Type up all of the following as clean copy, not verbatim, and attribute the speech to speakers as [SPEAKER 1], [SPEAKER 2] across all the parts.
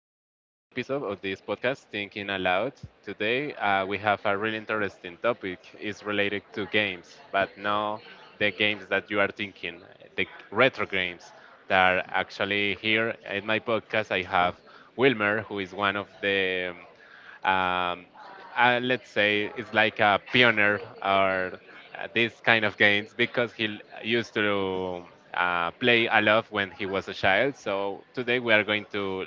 [SPEAKER 1] episode of this podcast, Thinking Aloud. Today we have a really interesting topic. It's related to games, but not the games that you are thinking, the retro games that are actually here in my podcast. I have Wilmer, who is one of the um, let's say it's like a pioneer or these kind of games because used to play a lot when he was a child. So today we are going to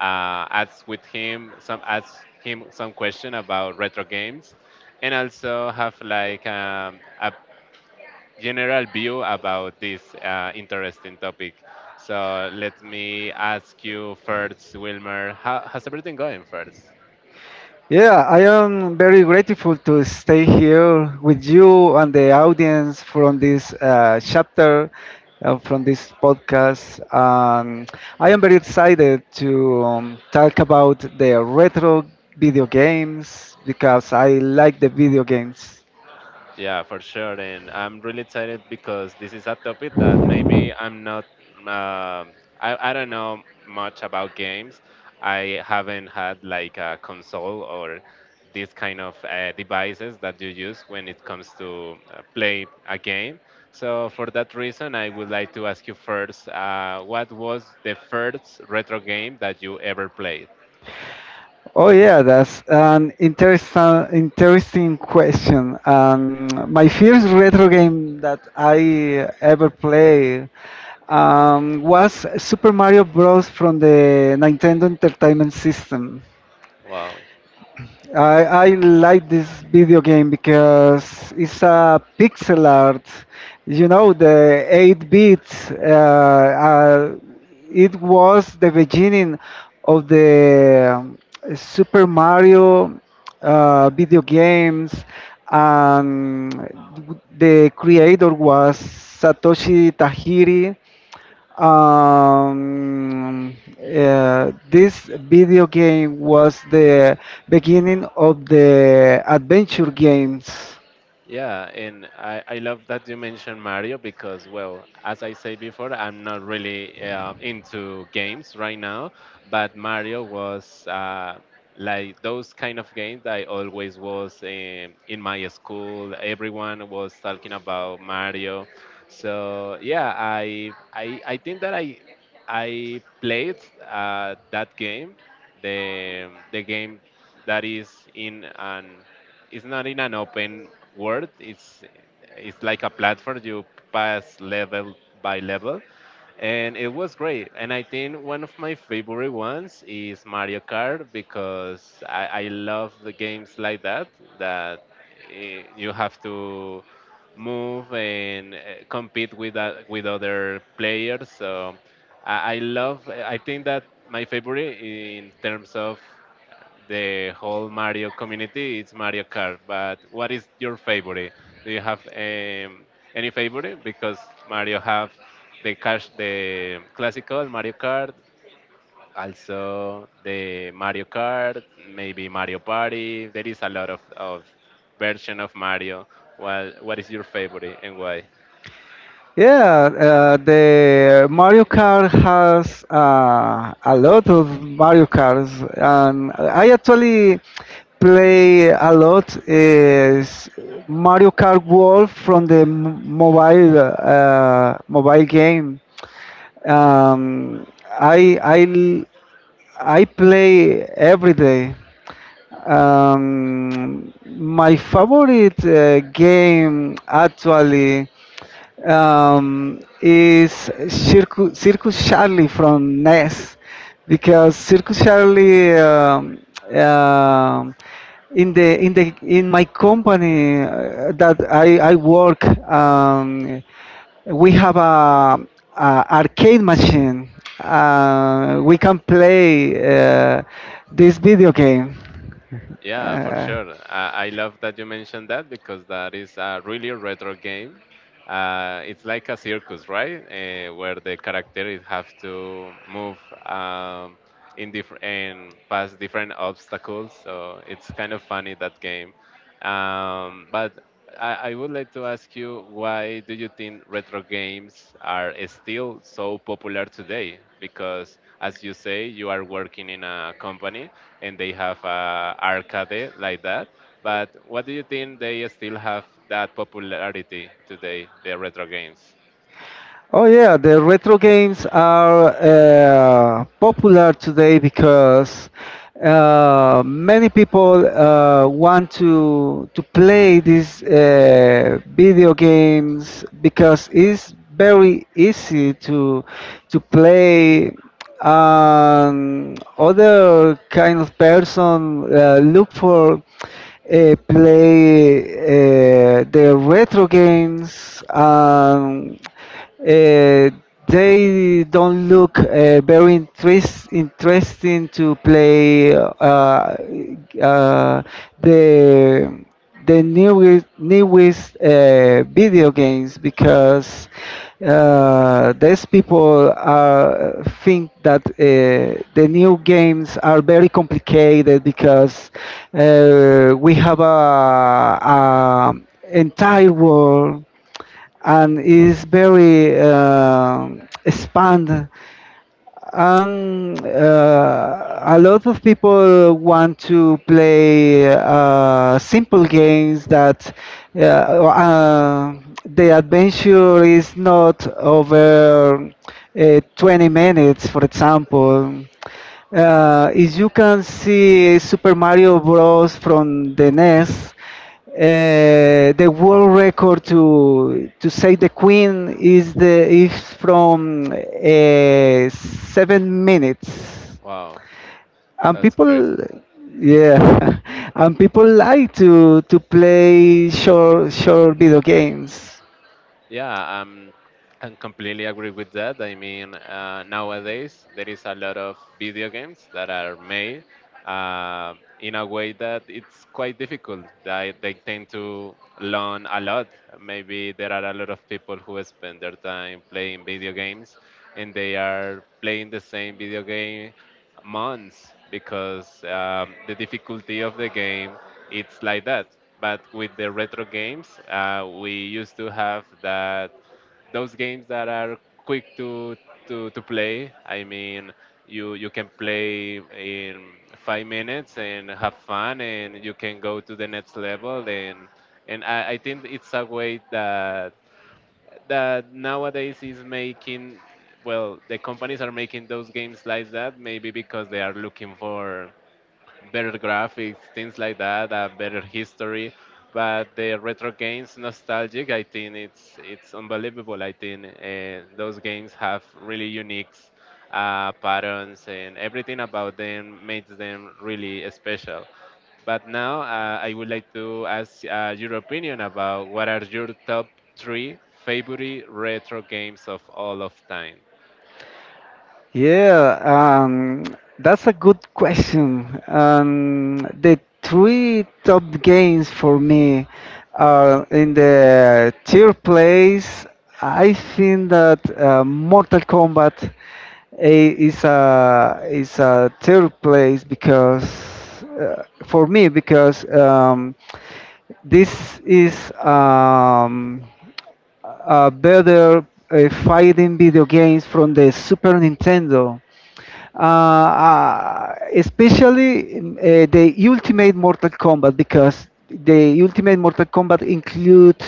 [SPEAKER 1] ask him some question about retro games, and also have like a general view about this interesting topic. So let me ask you first, Wilmer, how's everything going first?
[SPEAKER 2] Yeah, I am very grateful to stay here with you and the audience from this chapter, from this podcast. I am very excited to talk about the retro video games because I like the video games.
[SPEAKER 1] Yeah, for sure. And I'm really excited because this is a topic that maybe I'm not, um I don't know much about games. I haven't had like a console or these kind of devices that you use when it comes to play a game. So for that reason, I would like to ask you first, what was the first retro game that you ever played?
[SPEAKER 2] Oh yeah, that's an interesting question. My first retro game that I ever played was Super Mario Bros. From the Nintendo Entertainment System.
[SPEAKER 1] Wow.
[SPEAKER 2] I like this video game because it's a pixel art. You know, the 8 bits. It was the beginning of the Super Mario video games, and the creator was Satoshi Tajiri. Um, uh, this video game was the beginning of the adventure games.
[SPEAKER 1] Yeah, and I love that you mentioned Mario because, well, as I said before, I'm not really into games right now, but Mario was like those kind of games that I always was in my school. Everyone was talking about Mario, so yeah, I think that I played that game, the game that is in an it's not in an open world. It's like a platform. You pass level by level, and it was great. And I think one of my favorite ones is Mario Kart because I love the games like that you have to move and compete with that, with other players. So I love. I think that my favorite in terms of the whole Mario community, it's Mario Kart. But what is your favorite? Do you have any favorite? Because Mario have the cash, the classical Mario Kart, also the Mario Kart, maybe Mario Party. There is a lot of version of Mario. Well, what is your favorite and why?
[SPEAKER 2] Yeah, the Mario Kart has a lot of Mario Karts, and I actually play a lot is Mario Kart World from the mobile game. Um, I I I play every day. My favorite game actually is Circus Charlie from Ness. Because Circus Charlie um in my company that I work, we have a arcade machine. We can play this video game.
[SPEAKER 1] Yeah, for
[SPEAKER 2] Uh,
[SPEAKER 1] sure. I love that you mentioned that because that is a really retro game. It's like a circus, right? Where the characters have to move um, in different and pass different obstacles. So it's kind of funny that game. Um, but I would like to ask you, why do you think retro games are still so popular today? Because as you say, you are working in a company and they have a arcade like that. But what do you think they still have that popularity today, the retro games?
[SPEAKER 2] Oh yeah, the retro games are popular today because many people want to play these video games because it's very easy to play. And other kind of person look for play the retro games. Uh, they don't look very interesting to play uh, the the newest video games because these think that the new games are very complicated because we have a entire world and is very expand, and a lot of people want to play simple games that uh, uh, the adventure is not over 20 minutes, for example. As you can see, Super Mario Bros. From the NES, the world record to say the Queen is from 7 minutes,
[SPEAKER 1] Wow,
[SPEAKER 2] and
[SPEAKER 1] that's crazy.
[SPEAKER 2] yeah, and people like to play short video games.
[SPEAKER 1] Yeah, I completely agree with that. I mean, nowadays there is a lot of video games that are made uh, in a way that it's quite difficult. They tend to learn a lot. Maybe there are a lot of people who spend their time playing video games, and they are playing the same video game months because the difficulty of the game it's like that. But with the retro games, we used to have that those games that are quick to play. I mean, you can play in 5 minutes and have fun, and you can go to the next level. I think it's a way that nowadays is making, well, the companies are making those games like that maybe because they are looking for better graphics, things like that, a better history. But the retro games, nostalgic, I think it's unbelievable. I think those games have really unique patterns, and everything about them makes them really special. But now I would like to ask your opinion about what are your top three favorite retro games of all of time.
[SPEAKER 2] Yeah, um, that's a good question. The three top games for me are in the tier place. I think that Mortal Kombat a- is a is a tier place because for me, because this is. Better fighting video games from the Super Nintendo. Especially the Ultimate Mortal Kombat, because the Ultimate Mortal Kombat include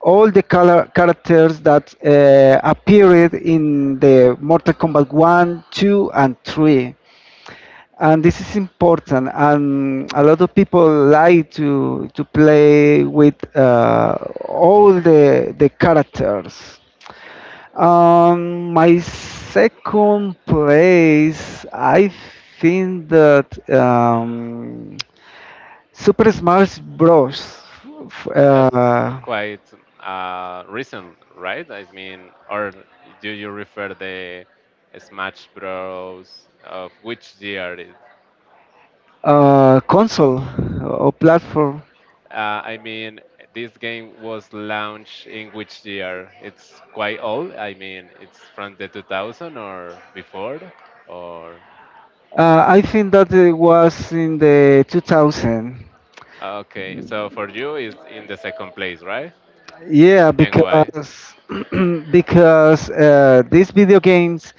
[SPEAKER 2] all the color characters that appeared in the Mortal Kombat 1, 2, and 3. And this is important, and a lot of people like to play with all the characters. My second place, I think that um, super smash bros f-
[SPEAKER 1] That's
[SPEAKER 2] uh,
[SPEAKER 1] quite recent, right? I mean, or do you refer the Smash Bros. Of which year it?
[SPEAKER 2] console or platform.
[SPEAKER 1] I mean, this game was launched in which year? It's quite old. I mean, it's from the 2000 or before, or
[SPEAKER 2] I think that it was in the 2000.
[SPEAKER 1] okay. So for you, it's in the second place, right?
[SPEAKER 2] Yeah,
[SPEAKER 1] And why?
[SPEAKER 2] because because uh, these video games,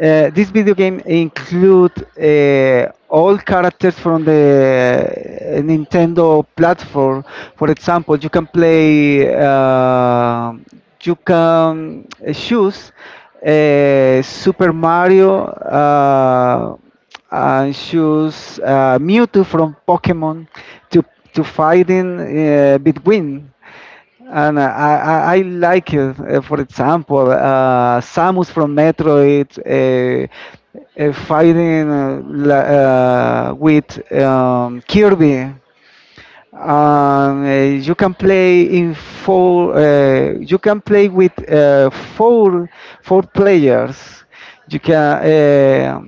[SPEAKER 2] uh, this video game include all characters from the Nintendo platform. For example, you can choose Super Mario, and choose Mewtwo from Pokemon to to fighting between. And I like it. For example, Samus from Metroid fighting with Kirby. You can play in four. You can play with four players. You can. Uh,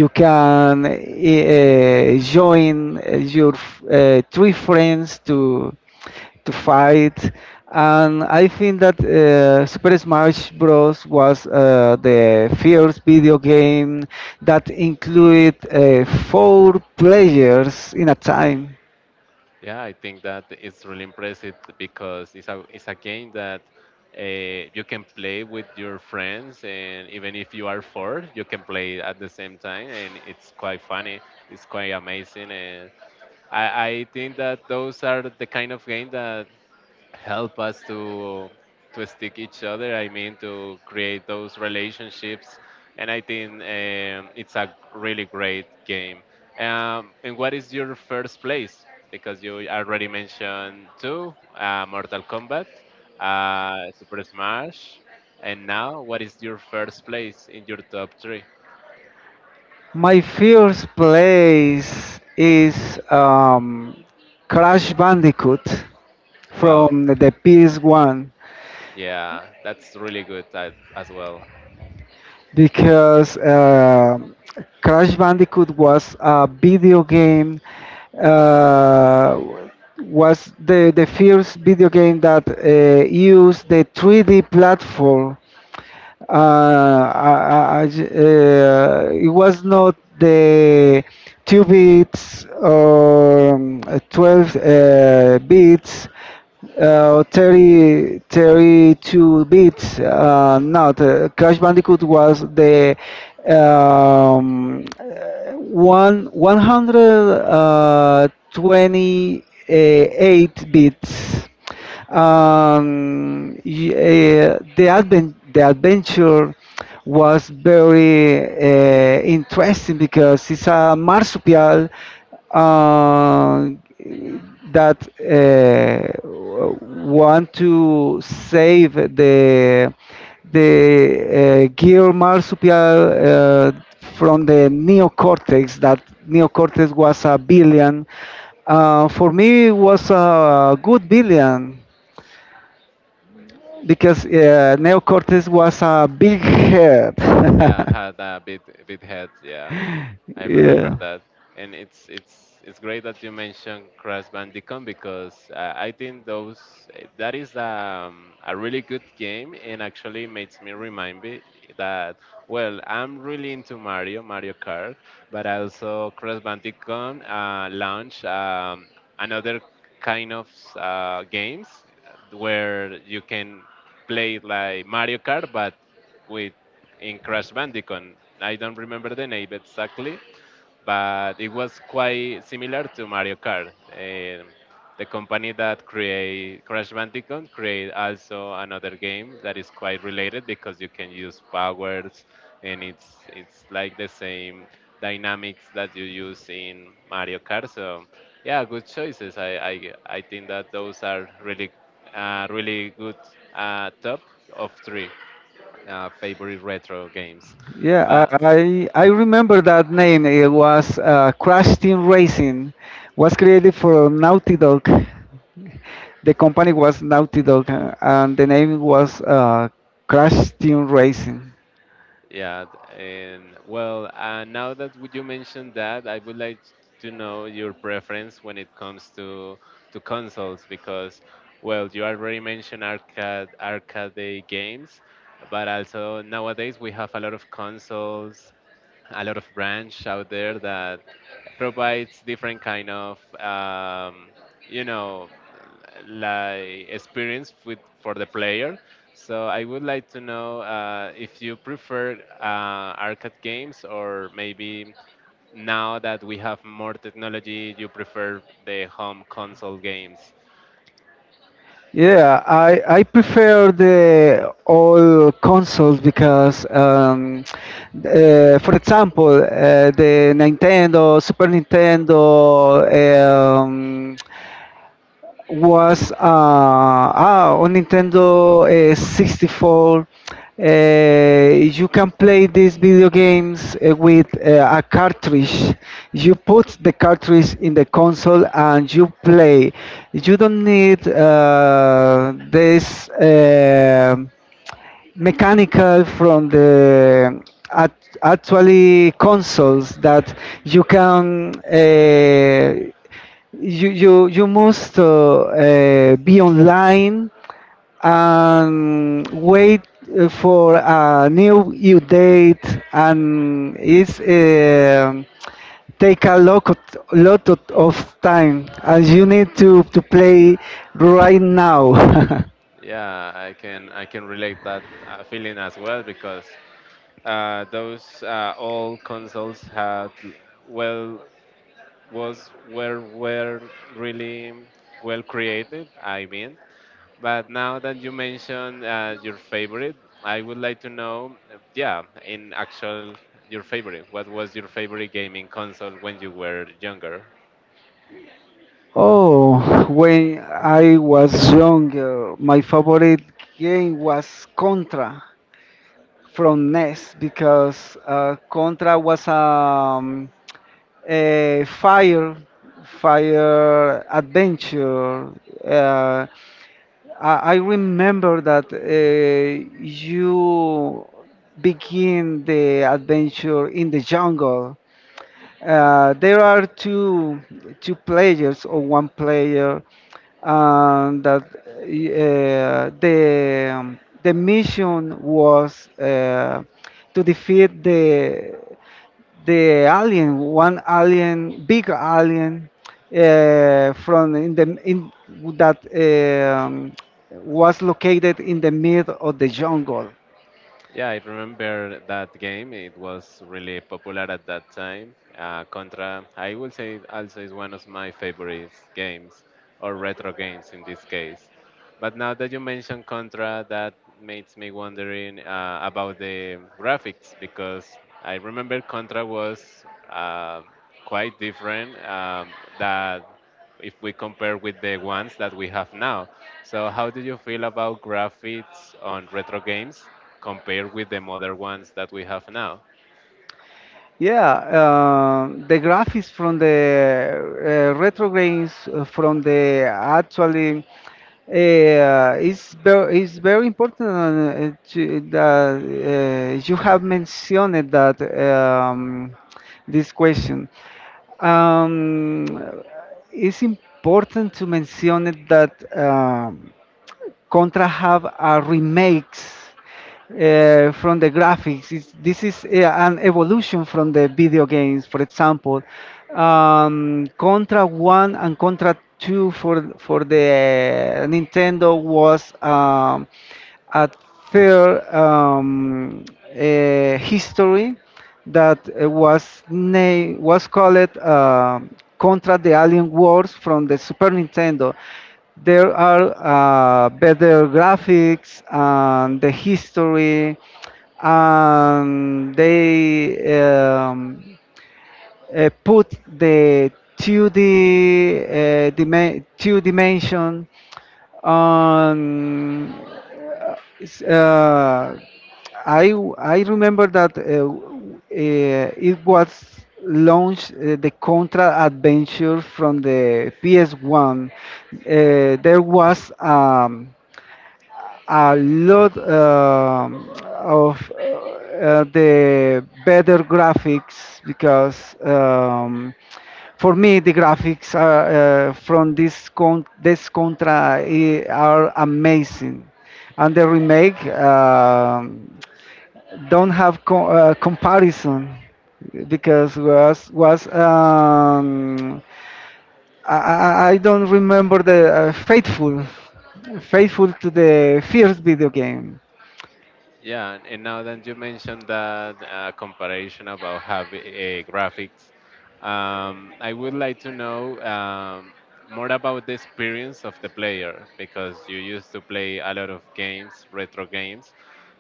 [SPEAKER 2] you can join your three friends to fight. And I think that super smash bros was the first video game that included four players in a time.
[SPEAKER 1] Yeah, I think that it's really impressive because it's a game that you can play with your friends, and even if you are four, you can play at the same time, and it's quite funny. It's quite amazing, and I think that those are the kind of game that help us to stick each other. I mean, to create those relationships, and I think it's a really great game. And what is your first place? Because you already mentioned two, Mortal Kombat, Super Smash, and now what is your first place in your top three?
[SPEAKER 2] My first place is crash bandicoot
[SPEAKER 1] Wow,
[SPEAKER 2] from the PS1,
[SPEAKER 1] yeah, that's really good as well.
[SPEAKER 2] because Crash Bandicoot was a video game, uh, was the first video game that used the 3D platform. It was not the 2 bits or 12 bits, 32 bits. Not. Crash Bandicoot was the um, one 128 bits. The adventure was very interesting because it's a marsupial uh, that want to save the gear marsupial from the neocortex. That neocortex was a billion. For me, it was a good billion because neocortex was a big head.
[SPEAKER 1] Yeah, had a bit head, yeah. I remember
[SPEAKER 2] Yeah.
[SPEAKER 1] that, and it's great that you mentioned Crash Bandicoot because I think those that is a really good game and actually makes me remind me that, well, I'm really into Mario Kart, but also Crash Bandicoot launched another kind of games where you can play like Mario Kart but with in Crash Bandicoot. I don't remember the name exactly, but it was quite similar to Mario Kart. The company that create Crash Bandicoot create also another game that is quite related because you can use powers, and it's like the same dynamics that you use in Mario Kart. So yeah, good choices. I think that those are really really good top of three favorite retro games.
[SPEAKER 2] Yeah,
[SPEAKER 1] But
[SPEAKER 2] I remember that name. It was Crash Team Racing. Was created for Naughty Dog. The company was Naughty Dog, and the name was Crash Team Racing.
[SPEAKER 1] yeah, and well, now that you mentioned that, I would like to know your preference when it comes to consoles because, well, you already mentioned arcade games, but also nowadays we have a lot of consoles, a lot of branch out there that provides different kind of you know, like experience with for the player. So I would like to know if you prefer arcade games, or maybe now that we have more technology you prefer the home console games.
[SPEAKER 2] Yeah, I prefer the all consoles, because for example, the Nintendo, Super Nintendo, um, was on Nintendo 64. You can play these video games with a cartridge. You put the cartridge in the console and you play. You don't need this mechanical from the at, actually consoles that you can uh, you must be online and wait for a new due date. And it's take a lot of, time. And you need to play right now.
[SPEAKER 1] Yeah, I can relate that feeling as well because those old consoles had, well, was were really well created. I mean, but now that you mentioned your favorite, I would like to know, yeah, in actual your favorite. What was your favorite gaming console when you were younger?
[SPEAKER 2] Oh, when I was younger, my favorite game was Contra from NES, because Contra was a fire adventure. Uh, I remember that you begin the adventure in the jungle. There are two players or one player, and that the mission was to defeat the alien, one alien, big alien from in that was located in the middle of the jungle.
[SPEAKER 1] Yeah, I remember that game. It was really popular at that time. Contra, I will say, it also is one of my favorite games, or retro games in this case. But now that you mention Contra, that makes me wondering about the graphics because I remember Contra was quite different. That If we compare with the ones that we have now. So how do you feel about graphics on retro games compared with the modern ones that we have now?
[SPEAKER 2] Yeah, the graphics from the retrogrades from the actually is very important that you have mentioned that this question. Um, it's important to mention it that. Contra have remakes from the graphics. This is an evolution from the video games. For example, Contra 1 and Contra 2 for the Nintendo was a third history that was called Contra the Alien Wars from the Super Nintendo. There are better graphics and the history, and they put the 2D, two dimension on. Uh, uh, I remember that it was launched the Contra Adventure from the PS1. There was a lot of the better graphics because for me the graphics from this contra are amazing. And the remake don't have comparison, because was I don't remember the faithful to the first video game.
[SPEAKER 1] Yeah, and now that you mentioned that comparison about having graphics, I would like to know more about the experience of the player because you used to play a lot of games, retro games.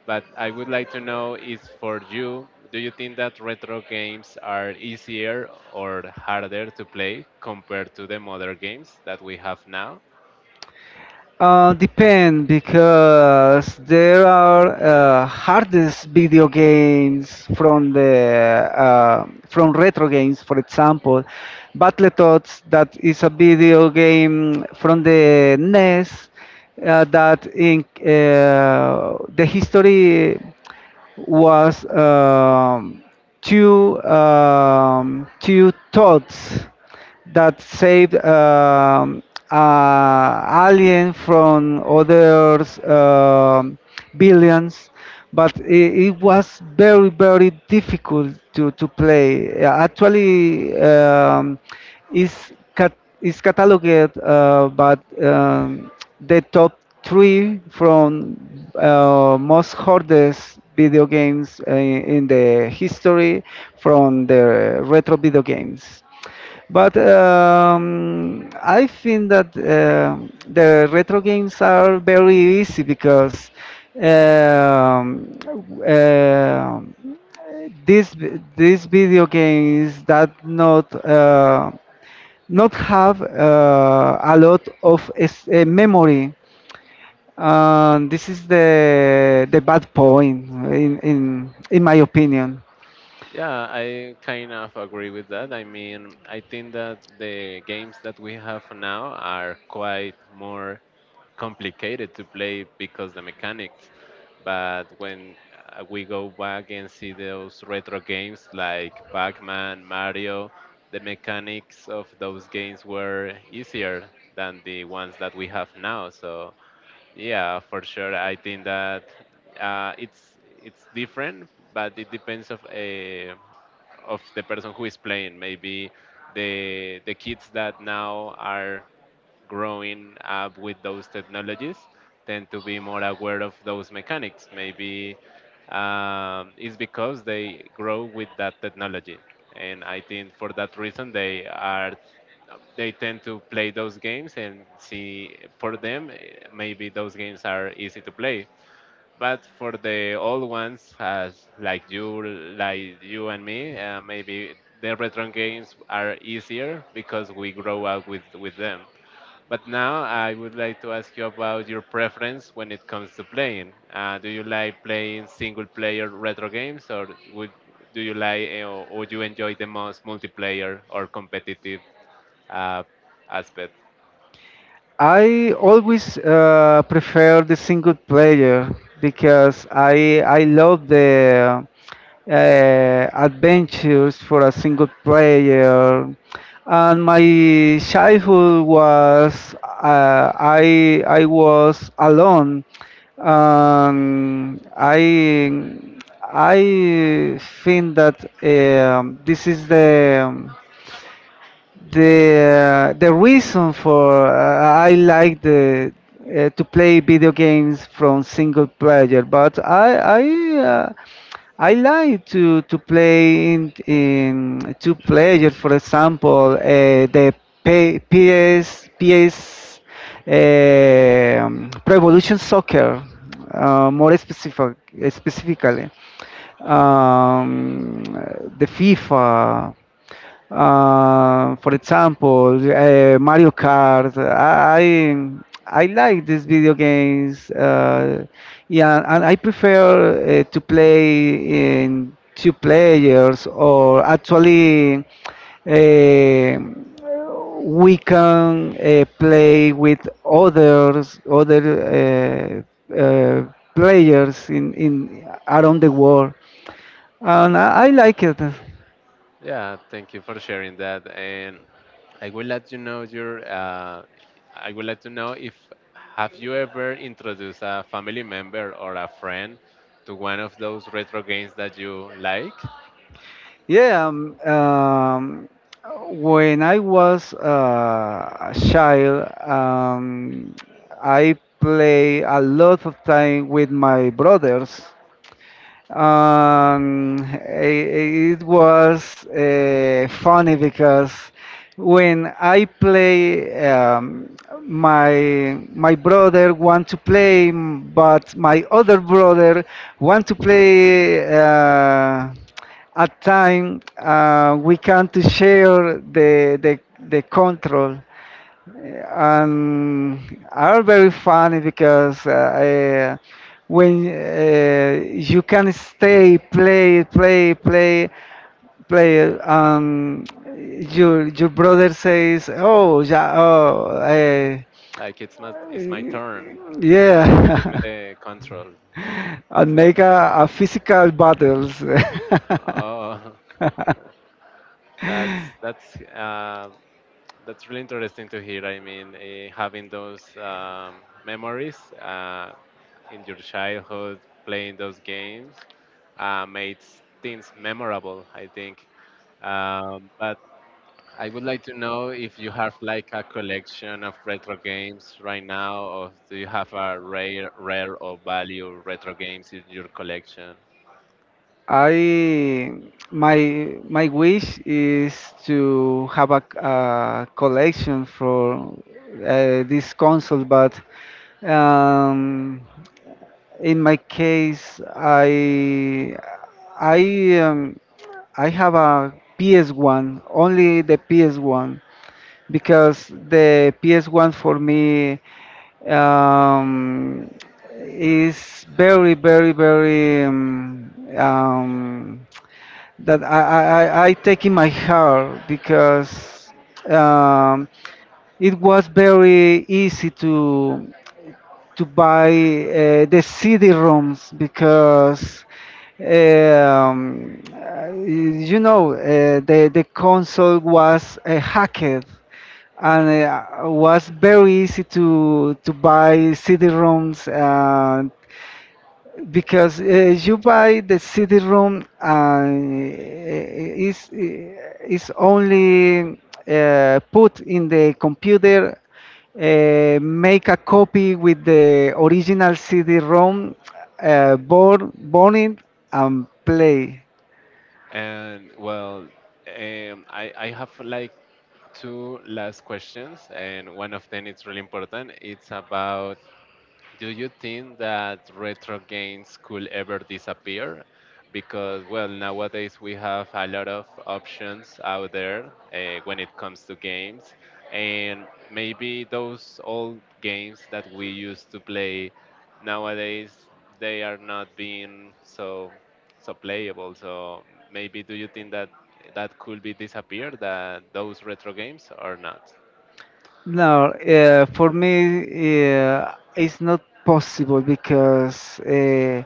[SPEAKER 1] But I would like to know, is for you, do you think that retro games are easier or harder to play compared to the modern games that we have now?
[SPEAKER 2] Depend because there are hardest video games from the from retro games. For example, Battletoads. That is a video game from the NES, that in the history was two thoughts that saved alien from others billions, but it was very very difficult to play. Actually is is cataloged, but the top three from most hoarded video games in the history from the retro video games. But I think that the retro games are very easy because um, uh, these these video games that not have a lot of memory. And this is the bad point, in my opinion.
[SPEAKER 1] Yeah, I kind of agree with that. I mean, I think that the games that we have now are quite more complicated to play because the mechanics. But when we go back and see those retro games like Pac-Man, Mario, the mechanics of those games were easier than the ones that we have now. So yeah, for sure. I think that it's different, but it depends of a of the person who is playing. Maybe the kids that now are growing up with those technologies tend to be more aware of those mechanics. Maybe it's because they grow with that technology, and I think for that reason they tend to play those games and see for them, maybe those games are easy to play, but for the old ones as like you and me, maybe the retro games are easier because we grow up with them. But now I would like to ask you about your preference when it comes to playing. Do you like playing single player retro games, or would do you like, or would you enjoy the most multiplayer or competitive uh, aspect?
[SPEAKER 2] I always prefer the single player because I love the adventures for a single player. And my childhood was, I was alone. Um, I I think that this is the reason for I like the to play video games from single player, but I like to play in two player. For example, the PS Pro Evolution Soccer, more specifically, um, the FIFA. For example, Mario Kart. I like these video games. Yeah, and I prefer to play in two players, or actually uh, we can play with other players in around the world, and I like it.
[SPEAKER 1] Yeah, thank you for sharing that. And I would like to know your, I would like to know if have you ever introduced a family member or a friend to one of those retro games that you like?
[SPEAKER 2] Yeah, when I was a child, I play a lot of time with my brothers. It was funny because when I play, my brother want to play, but my other brother want to play. At time we can't share the control, and are very funny because when you can stay play, your brother says oh yeah oh eh,
[SPEAKER 1] Like it's my turn. Give me
[SPEAKER 2] yeah
[SPEAKER 1] the control, things
[SPEAKER 2] and
[SPEAKER 1] like
[SPEAKER 2] make
[SPEAKER 1] that.
[SPEAKER 2] a physical battles.
[SPEAKER 1] Oh, that's that's really interesting to hear. I mean, having those memories in your childhood, playing those games, made things memorable, I think. But I would like to know if you have like a collection of retro games right now, or do you have a rare or value retro games in your collection?
[SPEAKER 2] I my my wish is to have a collection for this console. But um, in my case, I um, I have a PS1, only the PS1, because the PS1 for me um, is very, very, very that I take in my heart, because um, it was very easy to buy the CD ROMs because the console was hacked, and was very easy to buy CD ROMs, because you buy the CD room and is only put in the computer, make a copy with the original CD room, burn it, and play.
[SPEAKER 1] And well, I have like two last questions, and one of them is really important. It's about, do you think that retro games could ever disappear? Because, well, nowadays we have a lot of options out there when it comes to games. And maybe those old games that we used to play nowadays, they are not being so playable. So maybe do you think that that could be disappeared, that those retro games or not?
[SPEAKER 2] No, for me, it's not possible because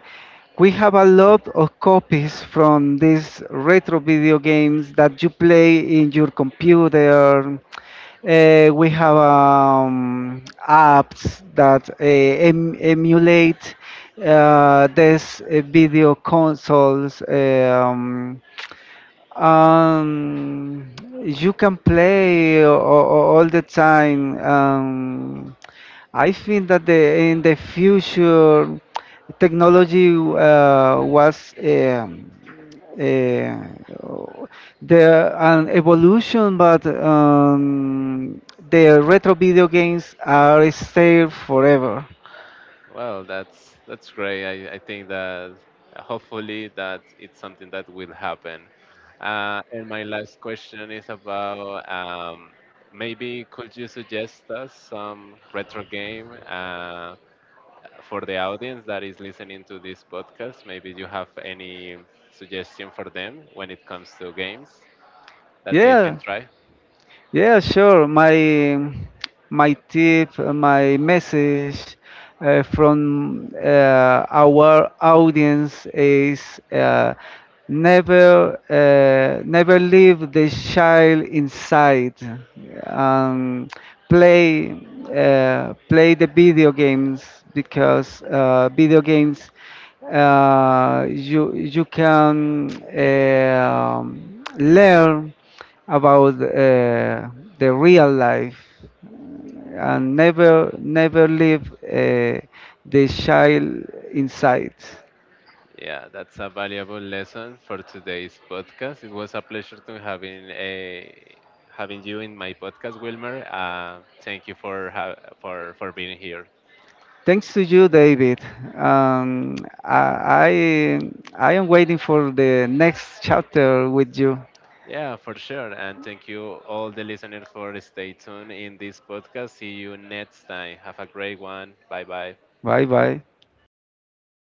[SPEAKER 2] we have a lot of copies from these retro video games that you play in your computer. We have apps that emulate these video consoles. Um, you can play all the time. I think that in the future, technology was uh, the an evolution, but the retro video games are stayed forever.
[SPEAKER 1] Well, that's great. I think that hopefully that it's something that will happen. And my last question is about, maybe could you suggest us some retro game for the audience that is listening to this podcast? Maybe you have any suggestion for them when it comes to games that they can
[SPEAKER 2] Yeah.
[SPEAKER 1] try.
[SPEAKER 2] Yeah, sure. My tip, my message from our audience is uh, never leave the child inside. Um, play play the video games because video games you can learn about the real life. And never leave the child inside.
[SPEAKER 1] Yeah, that's a valuable lesson for today's podcast. It was a pleasure to having you in my podcast, Wilmer. Thank you for being here.
[SPEAKER 2] Thanks to you, David. Um, I I I am waiting for the next chapter with you.
[SPEAKER 1] Yeah, for sure, and thank you all the listeners for stay tuned in this podcast. See you next time. Have a great one. Bye bye.
[SPEAKER 2] Bye bye.